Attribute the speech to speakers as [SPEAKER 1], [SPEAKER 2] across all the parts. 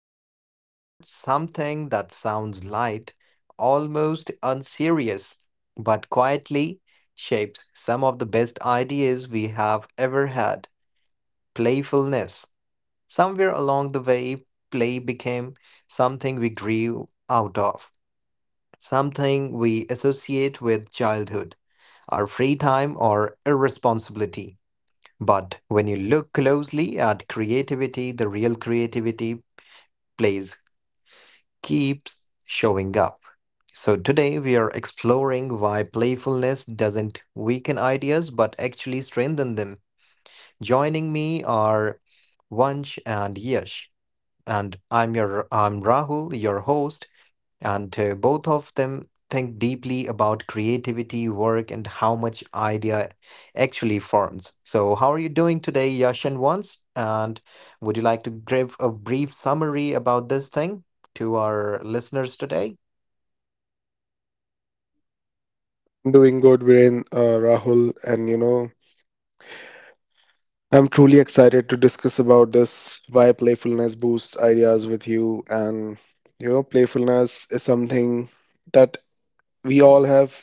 [SPEAKER 1] are talking about something that sounds light, almost unserious, but quietly shapes some of the best ideas we have ever had playfulness. Somewhere along the way, play became something we grew out of, something we associate with childhood, our free time, or irresponsibility. But when you look closely at creativity, the real creativity plays keeps showing up. So today we are exploring why playfulness doesn't weaken ideas but actually strengthen them. Joining me are Vansh and Yash, and I'm Rahul, your host. And Both of them think deeply about creativity, work, and how much idea actually forms. So, how are you doing today, Yash and Vance? And would you like to give a brief summary about this thing to our listeners today?
[SPEAKER 2] Doing good, Viren, Rahul, and you know, I'm truly excited to discuss about this why playfulness boosts ideas with you. And you know, playfulness is something that we all have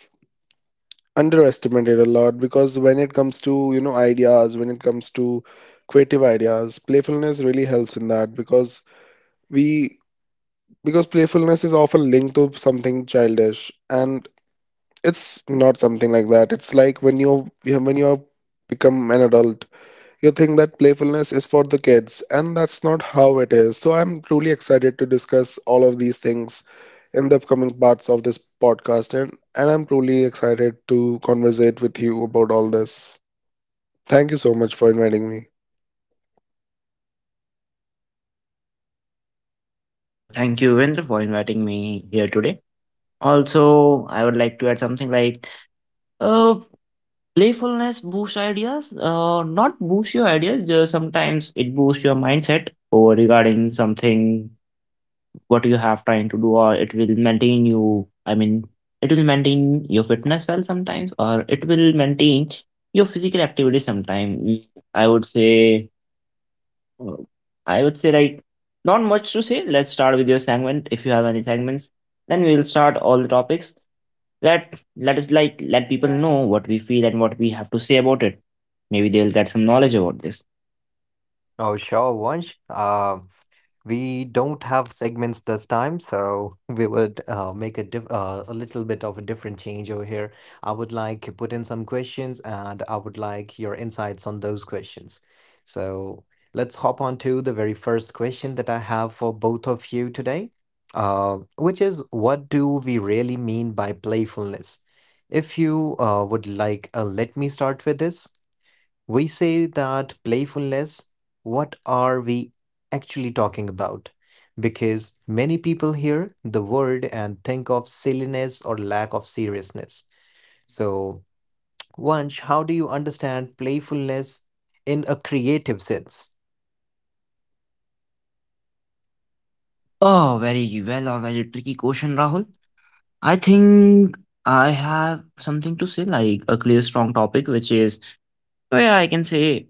[SPEAKER 2] underestimated a lot because when it comes to, you know, ideas, when it comes to creative ideas, playfulness really helps in that because we because playfulness is often linked to something childish and it's not something like that. It's like when you have become an adult. You think that playfulness is for the kids, and that's not how it is. So I'm truly excited to discuss all of these things in the upcoming parts of this podcast, and, I'm truly excited to conversate with you about all this. Thank you so much for inviting me.
[SPEAKER 3] Well, thank you, Vindra, for inviting me here today. Also, I would like to add something like uh, playfulness boosts ideas. Not boost your ideas. Just sometimes it boosts your mindset or regarding something what you have trying to do, or it will maintain you. I mean, it will maintain your fitness well sometimes, or it will maintain your physical activity sometime. I would say Uh, I would say like not much to say. Let's start with your segment if you have any segments. Then we'll start all the topics. Let us like let people know what we feel and what we have to say about it. Maybe they'll get some knowledge about this.
[SPEAKER 1] Oh, sure, Vansh. We don't have segments this time, so we would make a diff a little bit of a different change over here. I would like to put in some questions, and I would like your insights on those questions. So let's hop on to the very first question that I have for both of you today, which is, what do we really mean by playfulness? If you would like, let me start with this. We say that playfulness, what are we actually talking about? Because many people hear the word and think of silliness or lack of seriousness. So, Vansh, how do you understand playfulness in a creative sense?
[SPEAKER 3] Oh, very well or very tricky question, Rahul. I think I have something to say, like a clear, strong topic, which is so yeah, I can say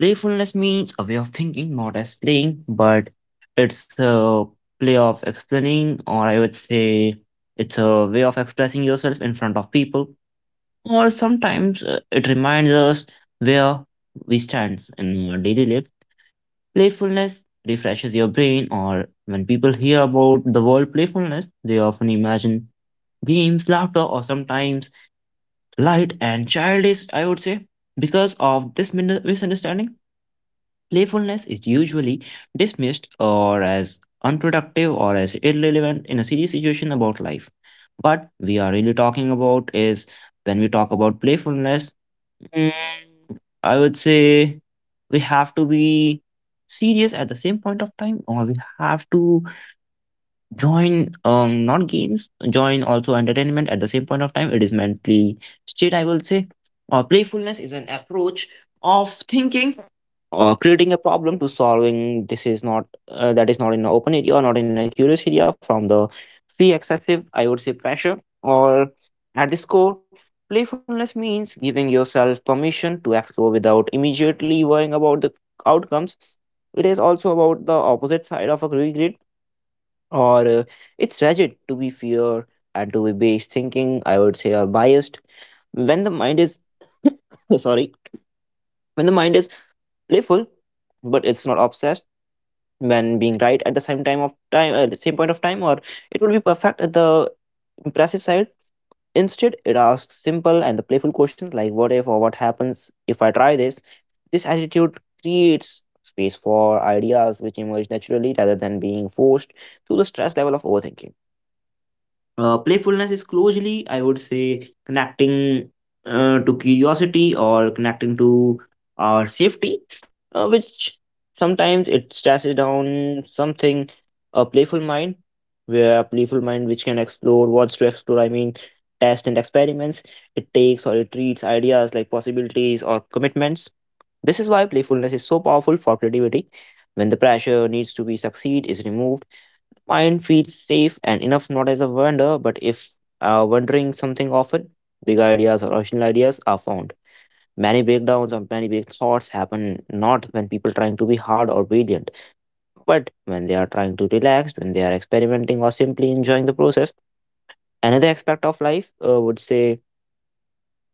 [SPEAKER 3] playfulness means a way of thinking, not as playing, but it's a play of explaining, or I would say it's a way of expressing yourself in front of people. Or sometimes it reminds us where we stand in our daily life. Playfulness refreshes your brain, or when people hear about the word playfulness, they often imagine games, laughter, or sometimes light and childish, I would say, because of this misunderstanding. Playfulness is usually dismissed or as unproductive or as irrelevant in a serious situation about life. What we are really talking about is when we talk about playfulness, mm, I would say we have to be serious at the same point of time, or we have to join not games, join also entertainment at the same point of time. It is mentally state, I will say. Playfulness is an approach of thinking or creating a problem to solving this is not that is not in an open area or not in a curious area from the free excessive I would say pressure or at this core playfulness means giving yourself permission to explore without immediately worrying about the outcomes. It is also about the opposite side of a regret or it's rigid to be fear and to be base thinking I would say are biased when the mind is sorry, when the mind is playful but it's not obsessed when being right at the same time of time at the same point of time or it will be perfect at the impressive side. Instead it asks simple and the playful questions like what if or what happens if I try this. This attitude creates space for ideas which emerge naturally rather than being forced through the stress level of overthinking. Playfulness is closely, I would say, connecting to curiosity or connecting to our safety, which sometimes it stresses down something, a playful mind, where a playful mind which can explore, wants to explore, I mean, test and experiments, it takes or it treats ideas like possibilities or commitments. This is why playfulness is so powerful for creativity. When the pressure needs to be succeed is removed, mind feels safe and enough not as a wonder, but if wondering something often, big ideas or original ideas are found. Many breakdowns or many big thoughts happen not when people trying to be hard or brilliant, but when they are trying to relax, when they are experimenting or simply enjoying the process. Another aspect of life would say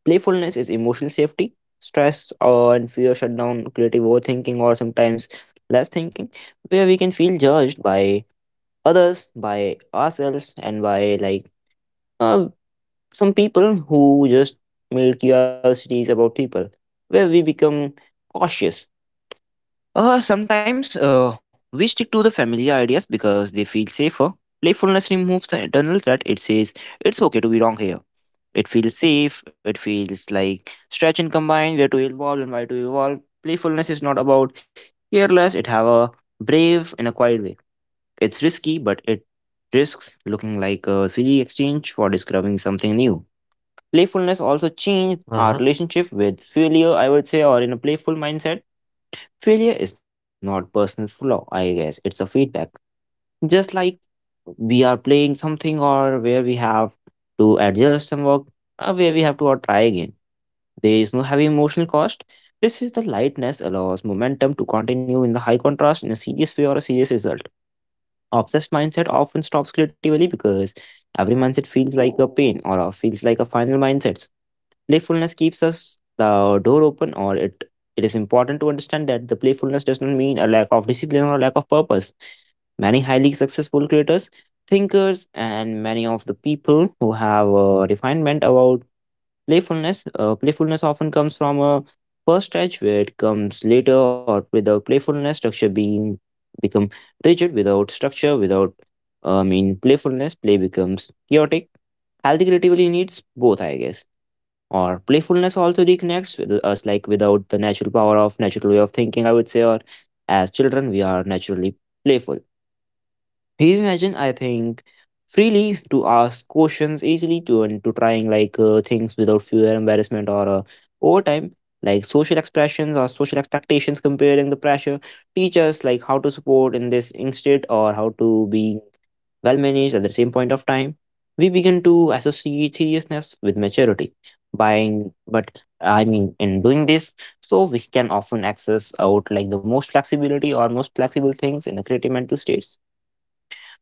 [SPEAKER 3] playfulness is emotional safety. Stress or and fear shut down creative overthinking or sometimes less thinking, where we can feel judged by others by ourselves and by like uh, some people who just made curiosities about people, where we become cautious. Sometimes we stick to the familiar ideas because they feel safer. Playfulness removes the internal threat. It says it's okay to be wrong here. It feels safe. It feels like stretch and combine where to evolve and why to evolve. Playfulness is not about careless. It have a brave in a quiet way. It's risky, but it risks looking like a silly exchange for discovering something new. Playfulness also changed our relationship with failure, I would say, or in a playful mindset. Failure is not personal flaw, I guess. It's a feedback. Just like we are playing something or where we have to adjust some work, where we have to try again. There is no heavy emotional cost. This is the lightness allows momentum to continue in the high contrast in a serious way or a serious result. Obsessed mindset often stops creatively because every mindset feels like a pain or feels like a final mindset. Playfulness keeps us the door open, or it is important to understand that the playfulness does not mean a lack of discipline or lack of purpose. Many highly successful creators, thinkers, and many of the people who have a refinement about playfulness. Playfulness often comes from a first stage where it comes later or without playfulness, structure being become rigid without structure, without I mean playfulness, play becomes chaotic. Healthy creativity needs both, I guess, or playfulness also reconnects with us like without the natural power of natural way of thinking I would say or as children we are naturally playful, reimagine I think freely to ask questions easily to and to trying like things without fear embarrassment or over time like social expressions or social expectations comparing the pressure teach us like how to support in this instead or how to be well managed at the same point of time. We begin to associate seriousness with maturity buying but I mean in doing this, so we can often access out like the most flexibility or most flexible things in the creative mental states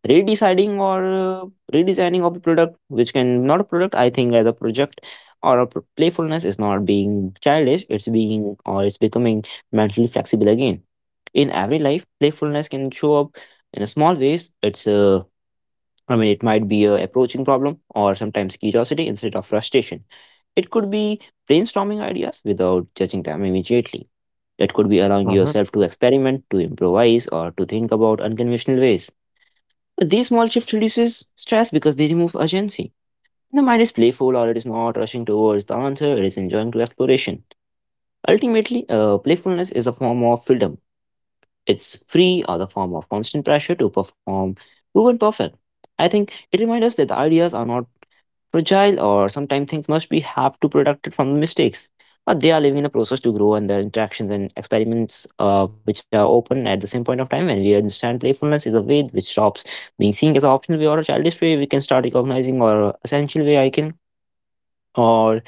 [SPEAKER 3] redeciding or redesigning of the product which can not a product I think as a project or a playfulness is not being childish it's being or it's becoming mentally flexible again. In every life playfulness can show up in a small ways. It's I mean it might be a approaching problem or sometimes curiosity instead of frustration. It could be brainstorming ideas without judging them immediately. It could be allowing yourself to experiment to improvise or to think about unconventional ways. These small shifts reduces stress because they remove urgency. The mind is playful or it is not rushing towards the answer, it is enjoying the exploration. Ultimately, playfulness is a form of freedom. It's free or the form of constant pressure to perform proven perfect. I think it reminds us that the ideas are not fragile or sometimes things must be have to protect it from mistakes, but they are living in a process to grow and their interactions and experiments which are open at the same point of time. When we understand playfulness is a way which stops being seen as an optional way or a childish way we can start recognizing or essential way I can or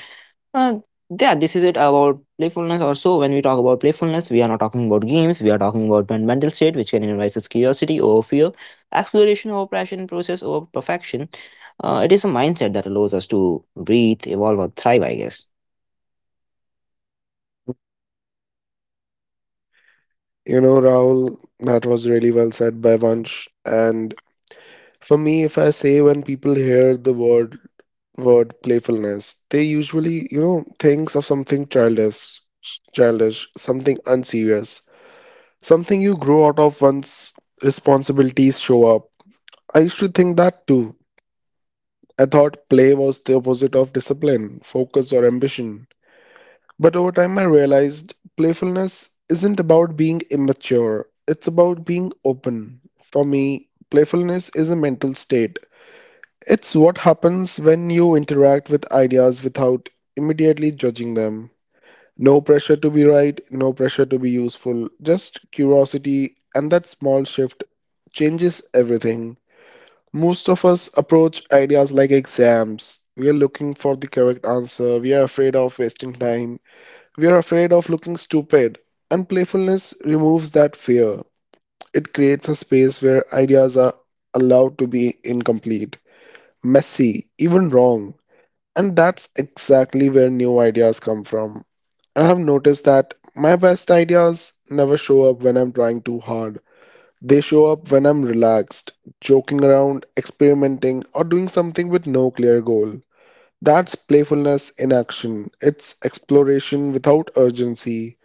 [SPEAKER 3] uh, yeah, this is it about playfulness. Also, when we talk about playfulness, we are not talking about games. We are talking about mental state, which can invite us curiosity over fear, exploration over passion, process over perfection. It is a mindset that allows us to breathe, evolve, or thrive. I guess.
[SPEAKER 2] You know, Rahul, that was really well said by Vansh. And for me, if I say when people hear the word playfulness, they usually, you know, thinks of something childish, something unserious. Something you grow out of once responsibilities show up. I used to think that too. I thought play was the opposite of discipline, focus, or ambition. But over time, I realized playfulness isn't about being immature, it's about being open. For me, playfulness is a mental state. It's what happens when you interact with ideas without immediately judging them. No pressure to be right, no pressure to be useful, just curiosity, and that small shift changes everything. Most of us approach ideas like exams. We are looking for the correct answer, we are afraid of wasting time, we are afraid of looking stupid, and playfulness removes that fear. It creates a space where ideas are allowed to be incomplete, messy, even wrong. And that's exactly where new ideas come from. I have noticed that my best ideas never show up when I'm trying too hard. They show up when I'm relaxed, joking around, experimenting, or doing something with no clear goal. That's playfulness in action. It's exploration without urgency.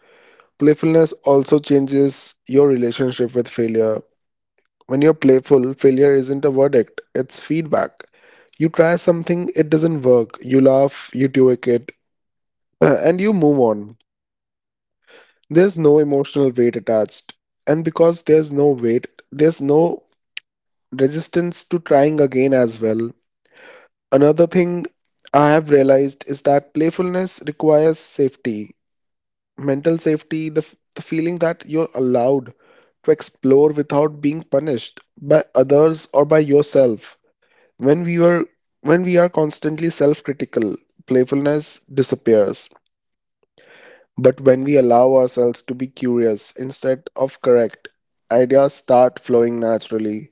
[SPEAKER 2] Playfulness also changes your relationship with failure. When you're playful, failure isn't a verdict, it's feedback. You try something, it doesn't work. You laugh, you tweak it, and you move on. There's no emotional weight attached. And because there's no weight, there's no resistance to trying again as well. Another thing I have realized is that playfulness requires safety, mental safety, the feeling that you're allowed to explore without being punished by others or by yourself. When we were when we are constantly self-critical, playfulness disappears. But when we allow ourselves to be curious instead of correct, ideas start flowing naturally.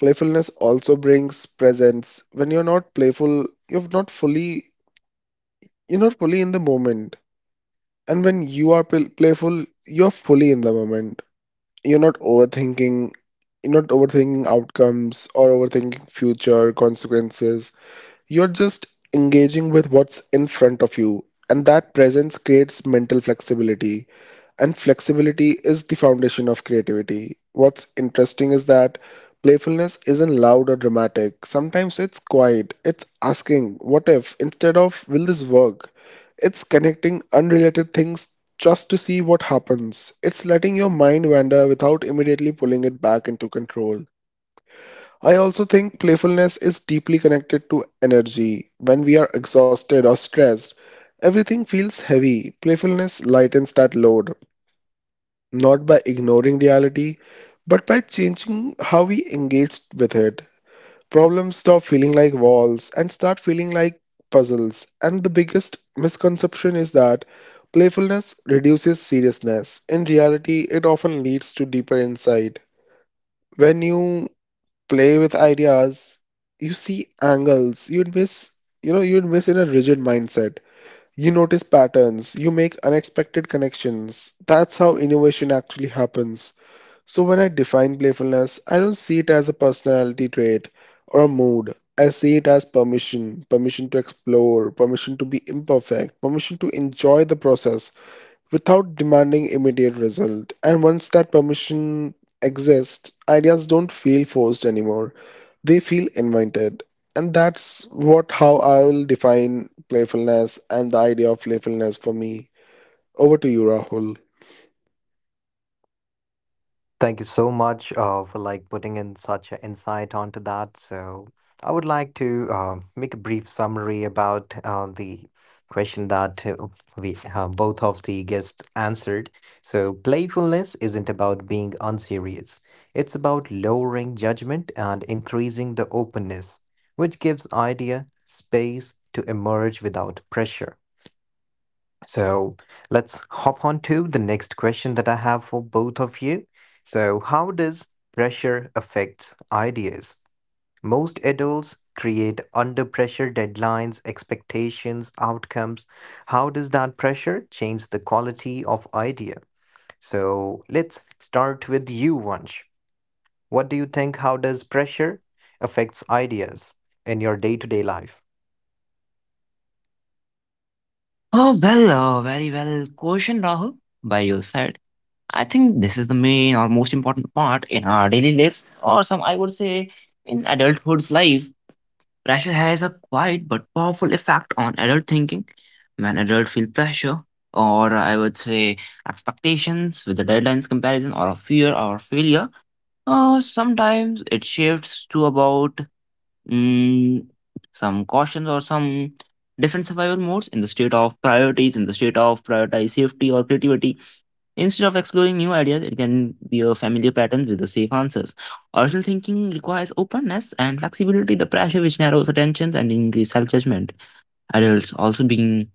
[SPEAKER 2] Playfulness also brings presence. When you're not playful, you're not fully in the moment. And when you are playful, you're fully in the moment. You're not overthinking you're not overthinking outcomes or overthinking future consequences. You're just engaging with what's in front of you. And that presence creates mental flexibility. And flexibility is the foundation of creativity. What's interesting is that playfulness isn't loud or dramatic. Sometimes it's quiet. It's asking, what if, instead of, will this work? It's connecting unrelated things just to see what happens. It's letting your mind wander without immediately pulling it back into control. I also think playfulness is deeply connected to energy. When we are exhausted or stressed, everything feels heavy. Playfulness lightens that load not by ignoring reality, but by changing how we engage with it. Problems stop feeling like walls and start feeling like puzzles. And the biggest misconception is that playfulness reduces seriousness. In reality, it often leads to deeper insight. When you play with ideas, you see angles you'd miss, you'd miss in a rigid mindset. You notice patterns, you make unexpected connections. That's how innovation actually happens. So when I define playfulness, I don't see it as a personality trait or a mood. I see it as permission, permission to explore, permission to be imperfect, permission to enjoy the process without demanding immediate result. And once that permission exists, ideas don't feel forced anymore. They feel invited. And that's what how I will define playfulness and the idea of playfulness for me. Over to you, Rahul.
[SPEAKER 1] Thank you so much for like putting in such an insight onto that. So I would like to make a brief summary about the question that we both of the guests answered. So playfulness isn't about being unserious. It's about lowering judgment and increasing the openness, which gives idea space to emerge without pressure. So let's hop on to the next question that I have for both of you. So, how does pressure affects ideas? Most adults create under pressure deadlines, expectations, outcomes. How does that pressure change the quality of idea? So let's start with you, Vansh. What do you think? How does pressure affects ideas in your day-to-day life?
[SPEAKER 3] Oh, well, very well. Question, Rahul, by your side. I think this is the main or most important part in our daily lives, or some I would say in adulthood's life. Pressure has a quiet but powerful effect on adult thinking. When adults feel pressure, or I would say expectations with the deadlines comparison, or a fear or failure, sometimes it shifts to about mm, some cautions or some different survival modes in the state of priorities, in the state of prioritize safety or creativity. Instead of exploring new ideas, it can be a familiar pattern with the safe answers. Original thinking requires openness and flexibility, the pressure which narrows attention and increases self judgment. Adults also being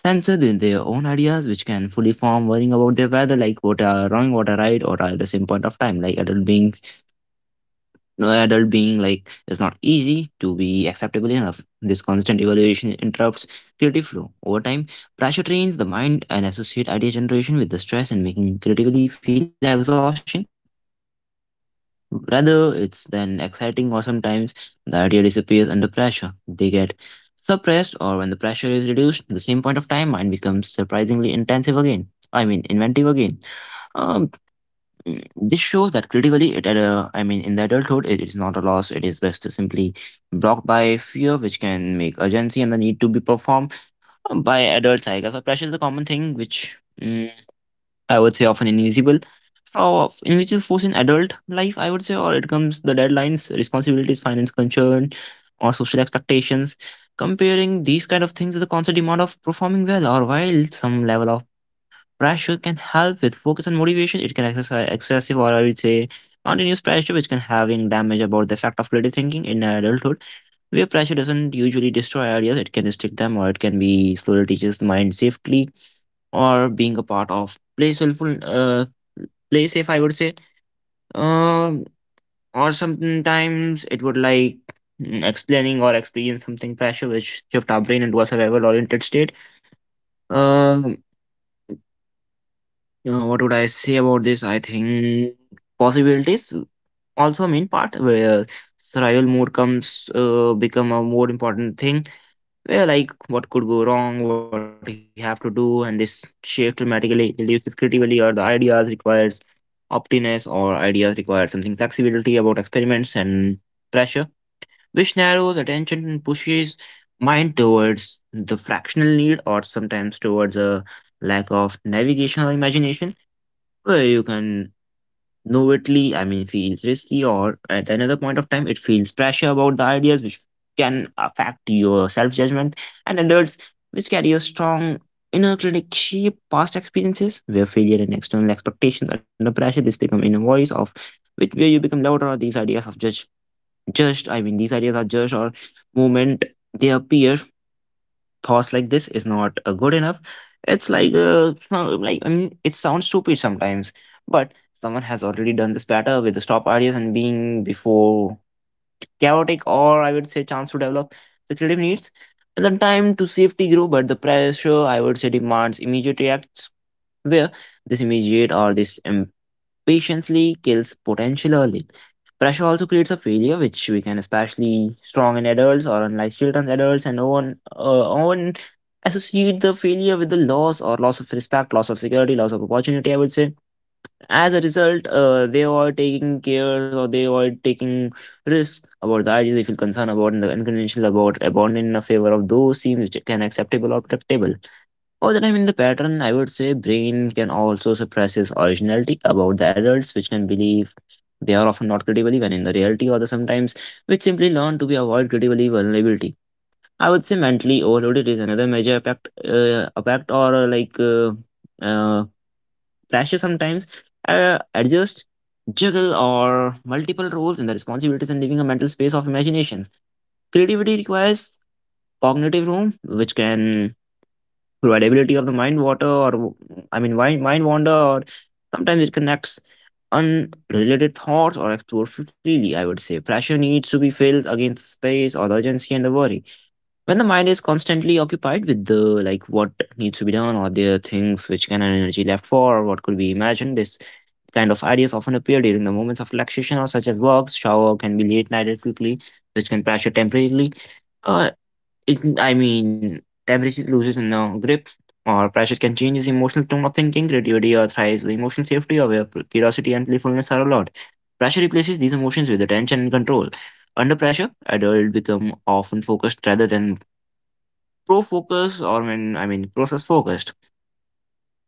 [SPEAKER 3] censored in their own ideas, which can fully form worrying about their whether, like what are wrong, what are right, or at the same point of time, like adult being no adult being like is not easy to be acceptable enough. This constant evaluation interrupts creative flow. Over time, pressure trains the mind and associate idea generation with the stress and making creatively feel exhaustion. Rather, it's then exciting or sometimes the idea disappears under pressure. They get suppressed or when the pressure is reduced, the same point of time mind becomes surprisingly intensive again. I mean inventive again. Um, Mm, This shows that critically, it at a, I mean, in the adulthood, it is not a loss. It is just simply blocked by fear, which can make urgency and the need to be performed by adults. I guess so pressure is the common thing, which mm, I would say often invisible, for invisible force in adult life. I would say, or it comes the deadlines, responsibilities, finance concern, or social expectations. Comparing these kind of things with the constant demand of performing well, or while some level of pressure can help with focus and motivation. It can exercise excessive or I would say continuous pressure, which can having damage about the effect of creative thinking in adulthood, where pressure doesn't usually destroy ideas, it can restrict them or it can be slowly teaches the mind safely or being a part of playful uh play safe, I would say. um or sometimes it would like, explaining or experience something pressure which shift our brain into a survival oriented state. um what would I say about this? I think possibilities also mean part where survival mode comes become a more important thing. Where like what could go wrong, what you have to do, and this shift dramatically reduces creativity or the ideas requires optiness, or ideas require something flexibility about experiments and pressure, which narrows attention and pushes mind towards the fractional need or sometimes towards a lack of navigation or imagination. Well, you can knowingly, I mean, feels risky, or at another point of time, it feels pressure about the ideas, which can affect your self judgment. And adults, which carry a strong inner critic, shape past experiences where failure and external expectations under pressure, this become inner voice of which where you become louder. Or these ideas of judge, I mean, these ideas are judged or moment they appear thoughts like this is not good enough. It's like like I mean it sounds stupid sometimes, but someone has already done this better with the stop ideas and being before chaotic, or I would say chance to develop the creative needs and the time to safety grow, but the pressure I would say demands immediate reacts where this immediate or this patiently kills potential early. Pressure also creates a failure, which we can especially strong in adults or unlike children, adults, and no one, no one associate the failure with the loss or loss of respect, loss of security, loss of opportunity, I would say. As a result, they are taking care or they are taking risks about the ideas they feel concerned about and the unconventional about abandon in favor of those seem which can acceptable or predictable. Other time in the pattern, I would say brain can also suppress his originality about the adults, which can believe they are often not credible when in the reality, or the sometimes which simply learn to be avoid credible vulnerability. I would say mentally overloaded is another major impact, impact or like uh, pressure sometimes. Adjust, juggle, or multiple roles and the responsibilities and leaving a mental space of imagination. Creativity requires cognitive room, which can variability of the mind water, or I mean mind wander, or sometimes it connects unrelated thoughts or explore freely, I would say. Pressure needs to be filled against space or the urgency and the worry. When the mind is constantly occupied with the like what needs to be done or the things which can have energy left for or what could be imagined, this kind of ideas often appear during the moments of relaxation or such as walks, shower can be late nighted quickly, which can pressure temporarily. Uh, it I mean, Tabrizi loses in the grip, or Pratchett can change his emotional tone of thinking. Creativity or thrives the emotional safety of curiosity and playfulness are allowed. Pressure replaces these emotions with attention and control. Under pressure, adults become often focused rather than pro-focus or when I mean process-focused.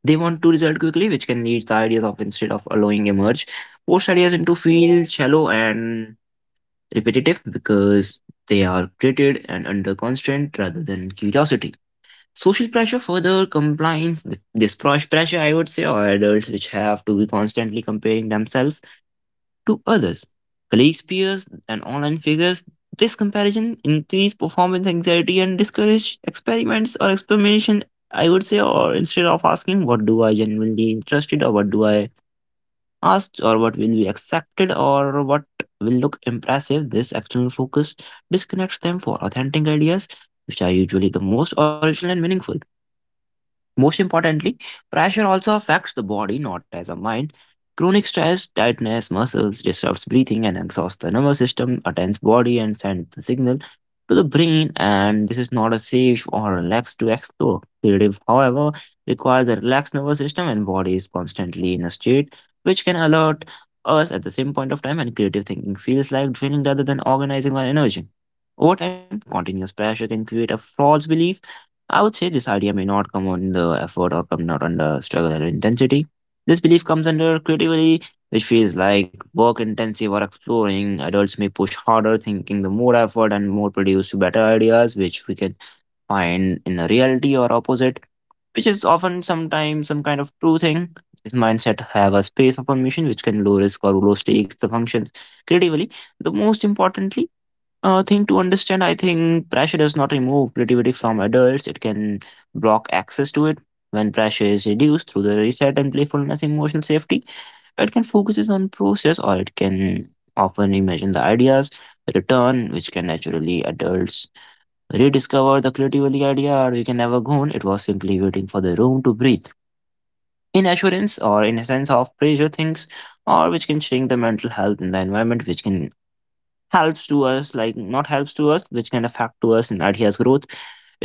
[SPEAKER 3] They want to result quickly, which can lead the ideas of instead of allowing emerge. Forced ideas into feel shallow and repetitive because they are created and under constraint rather than curiosity. Social pressure further combines pressure, I would say, or adults which have to be constantly comparing themselves to others, colleagues, peers, and online figures. This comparison increases performance anxiety and discourage experiments or experimentation, I would say, or instead of asking what do I genuinely interested or what do I ask or what will be accepted or what will look impressive, this external focus disconnects them for authentic ideas, which are usually the most original and meaningful. Most importantly, pressure also affects the body, not as a mind. Chronic stress tightness muscles, disrupts breathing, and exhausts the nervous system, a tense body, and sends the signal to the brain. And this is not a safe or relaxed to explore. Creative, however, requires a relaxed nervous system, and body is constantly in a state which can alert us at the same point of time. And creative thinking feels like training rather than organizing or energy. Over time, continuous pressure can create a false belief, I would say this idea may not come under effort or come not under struggle or intensity. This belief comes under creativity, which feels like work intensive or exploring. Adults may push harder, thinking the more effort and more produce better ideas, which we can find in a reality or opposite, which is often sometimes some kind of true thing. This mindset have a space of permission which can low risk or low stakes the functions creatively. The most importantly, thing to understand, I think pressure does not remove creativity from adults. It can block access to it. When pressure is reduced through the reset and playfulness, emotional safety, it can focuses on process or it can often imagine the ideas, the return, which can naturally adults rediscover the creativity idea or you can never go on. It was simply waiting for the room to breathe. In assurance or in a sense of pressure things or which can shrink the mental health in the environment, which can helps to us, like not helps to us, which can affect to us in ideas growth.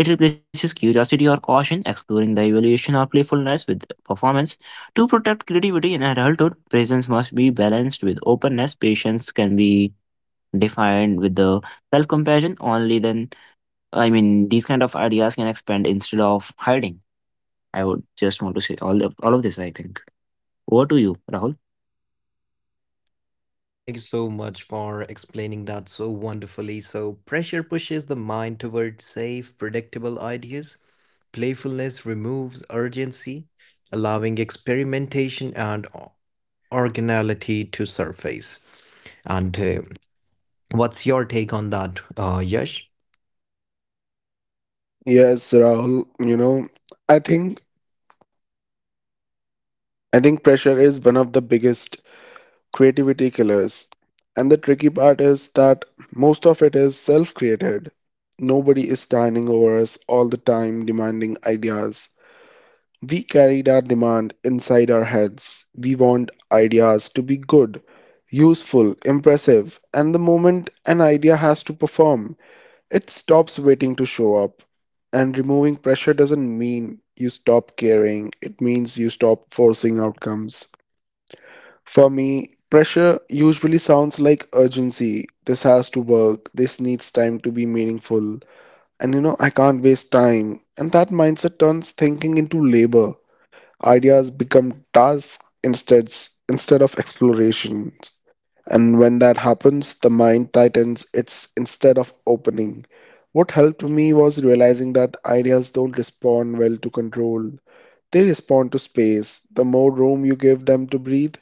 [SPEAKER 3] It replaces curiosity or caution, exploring the evaluation or playfulness with performance. To protect creativity in adulthood, presence must be balanced with openness. Patience can be defined with the self-compassion. Only then, I mean, these kind of ideas can expand instead of hiding. I would just want to say all of this, I think. Over to you, Rahul.
[SPEAKER 1] Thank you so much for explaining that so wonderfully. So, pressure pushes the mind toward safe, predictable ideas. Playfulness removes urgency, allowing experimentation and originality to surface. And what's your take on that, Yash?
[SPEAKER 2] Yes, Rahul, you know, I think I think pressure is one of the biggest creativity killers. And the tricky part is that most of it is self created. Nobody is standing over us all the time demanding ideas. We carried our demand inside our heads. We want ideas to be good, useful, impressive, and the moment an idea has to perform, it stops waiting to show up. And removing pressure doesn't mean you stop caring, it means you stop forcing outcomes. For me, pressure usually sounds like urgency. This has to work. This needs time to be meaningful. And you know, I can't waste time. And that mindset turns thinking into labor. Ideas become tasks instead of explorations. And when that happens, the mind tightens its instead of opening. What helped me was realizing that ideas don't respond well to control. They respond to space. The more room you give them to breathe,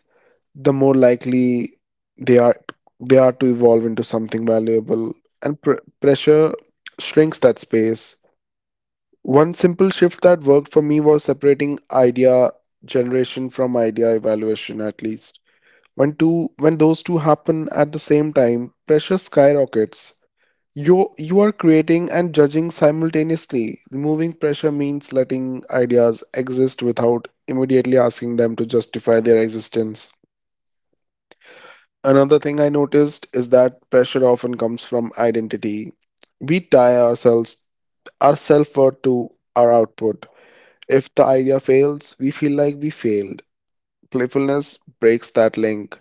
[SPEAKER 2] the more likely they are they are to evolve into something valuable, and pressure shrinks that space. One simple shift that worked for me was separating idea generation from idea evaluation, at least when those two happen at the same time. Pressure skyrockets. You are creating and judging simultaneously. Removing pressure means letting ideas exist without immediately asking them to justify their existence. Another thing I noticed is that pressure often comes from identity. We tie ourselves our self-worth to our output. If the idea fails, we feel like we failed. Playfulness breaks that link.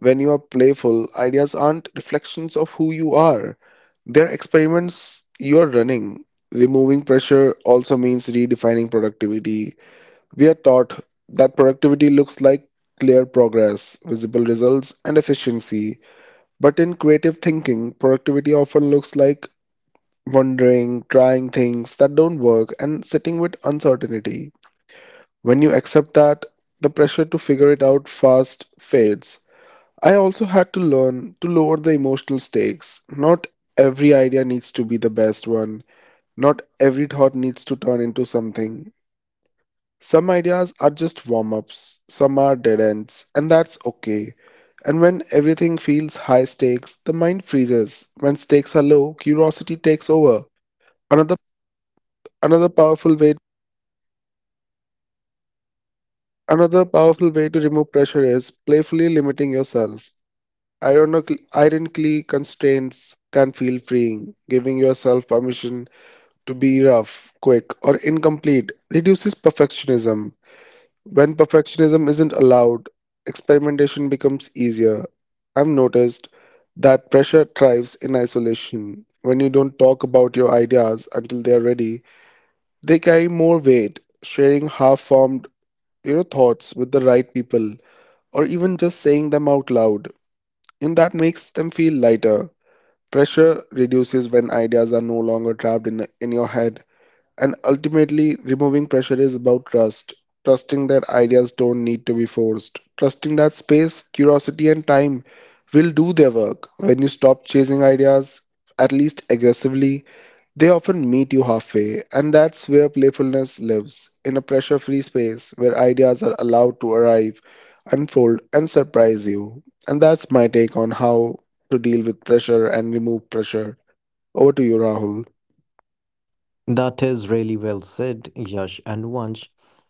[SPEAKER 2] When you are playful, ideas aren't reflections of who you are. They're experiments you are running. Removing pressure also means redefining productivity. We are taught that productivity looks like clear progress, visible results, and efficiency. But in creative thinking, productivity often looks like wondering, trying things that don't work, and sitting with uncertainty. When you accept that, the pressure to figure it out fast fades. I also had to learn to lower the emotional stakes. Not every idea needs to be the best one, not every thought needs to turn into something. Some ideas are just warm ups, some are dead ends, and that's okay. And when everything feels high stakes, the mind freezes. When stakes are low, curiosity takes over. Another another powerful way another powerful way to remove pressure is playfully limiting yourself. Ironically, constraints can feel freeing. Giving yourself permission to be rough, quick, or incomplete reduces perfectionism. When perfectionism isn't allowed, experimentation becomes easier. I've noticed that pressure thrives in isolation. When you don't talk about your ideas until they are ready, they carry more weight. Sharing half-formed, thoughts with the right people, or even just saying them out loud, and that makes them feel lighter. Pressure reduces when ideas are no longer trapped in your head. And ultimately, removing pressure is about trust. Trusting that ideas don't need to be forced. Trusting that space, curiosity, and time will do their work. When you stop chasing ideas, at least aggressively, they often meet you halfway. And that's where playfulness lives, in a pressure free space where ideas are allowed to arrive, unfold, and surprise you. And that's my take on how to deal with pressure and remove pressure. Over to you, Rahul.
[SPEAKER 1] That is really well said, Yash and Vansh.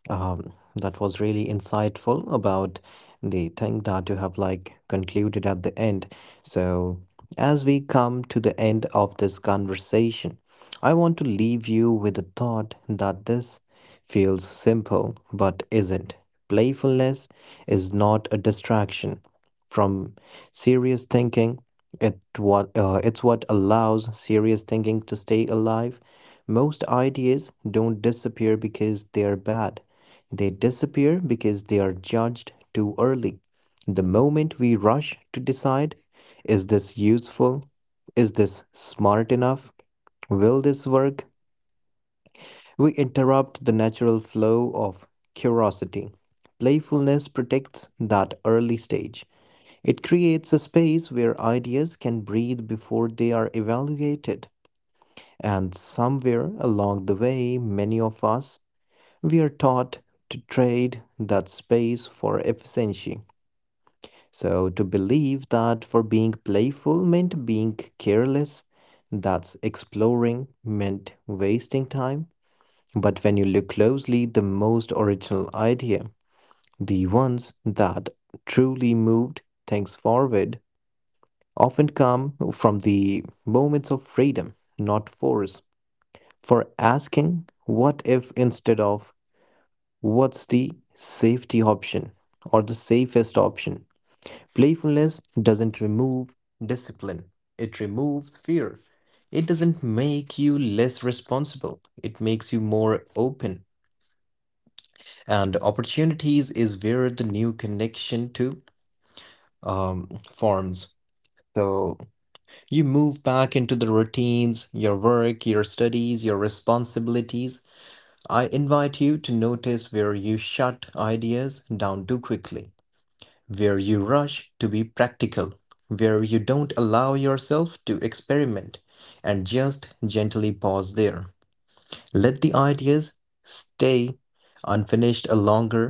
[SPEAKER 1] That was really insightful about the thing that you have like concluded at the end. So, as we come to the end of this conversation, I want to leave you with the thought that this feels simple but isn't. Playfulness is not a distraction from serious thinking, it's what allows serious thinking to stay alive. Most ideas don't disappear because they are bad. They disappear because they are judged too early. The moment we rush to decide, is this useful? Is this smart enough? Will this work? We interrupt the natural flow of curiosity. Playfulness protects that early stage. It creates a space where ideas can breathe before they are evaluated. And somewhere along the way, many of us, we are taught to trade that space for efficiency. So, to believe that for being playful meant being careless, that's exploring meant wasting time, but when you look closely, the most original idea, the ones that truly moved things forward, often come from the moments of freedom, not force. For asking, what if instead of what's the safety option or the safest option? Playfulness doesn't remove discipline, it removes fear. It doesn't make you less responsible, it makes you more open and opportunities is where the new connection to forms. So you move back into the routines, your work, your studies, your responsibilities. I invite you to notice where you shut ideas down too quickly, where you rush to be practical, where you don't allow yourself to experiment, and just gently pause there. Let the ideas stay unfinished a longer.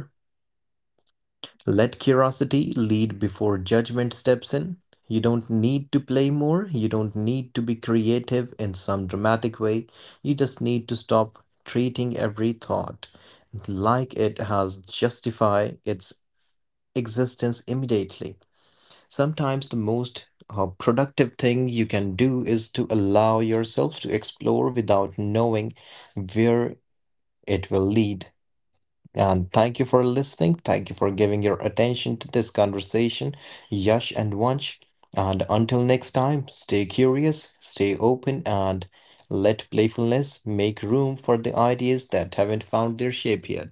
[SPEAKER 1] Let curiosity lead before judgment steps in. You don't need to play more. You don't need to be creative in some dramatic way. You just need to stop treating every thought like it has justify its existence immediately. Sometimes the most productive thing you can do is to allow yourself to explore without knowing where it will lead. And thank you for listening. Thank you for giving your attention to this conversation, Yash and Vansh. And until next time, stay curious, stay open, and let playfulness make room for the ideas that haven't found their shape yet.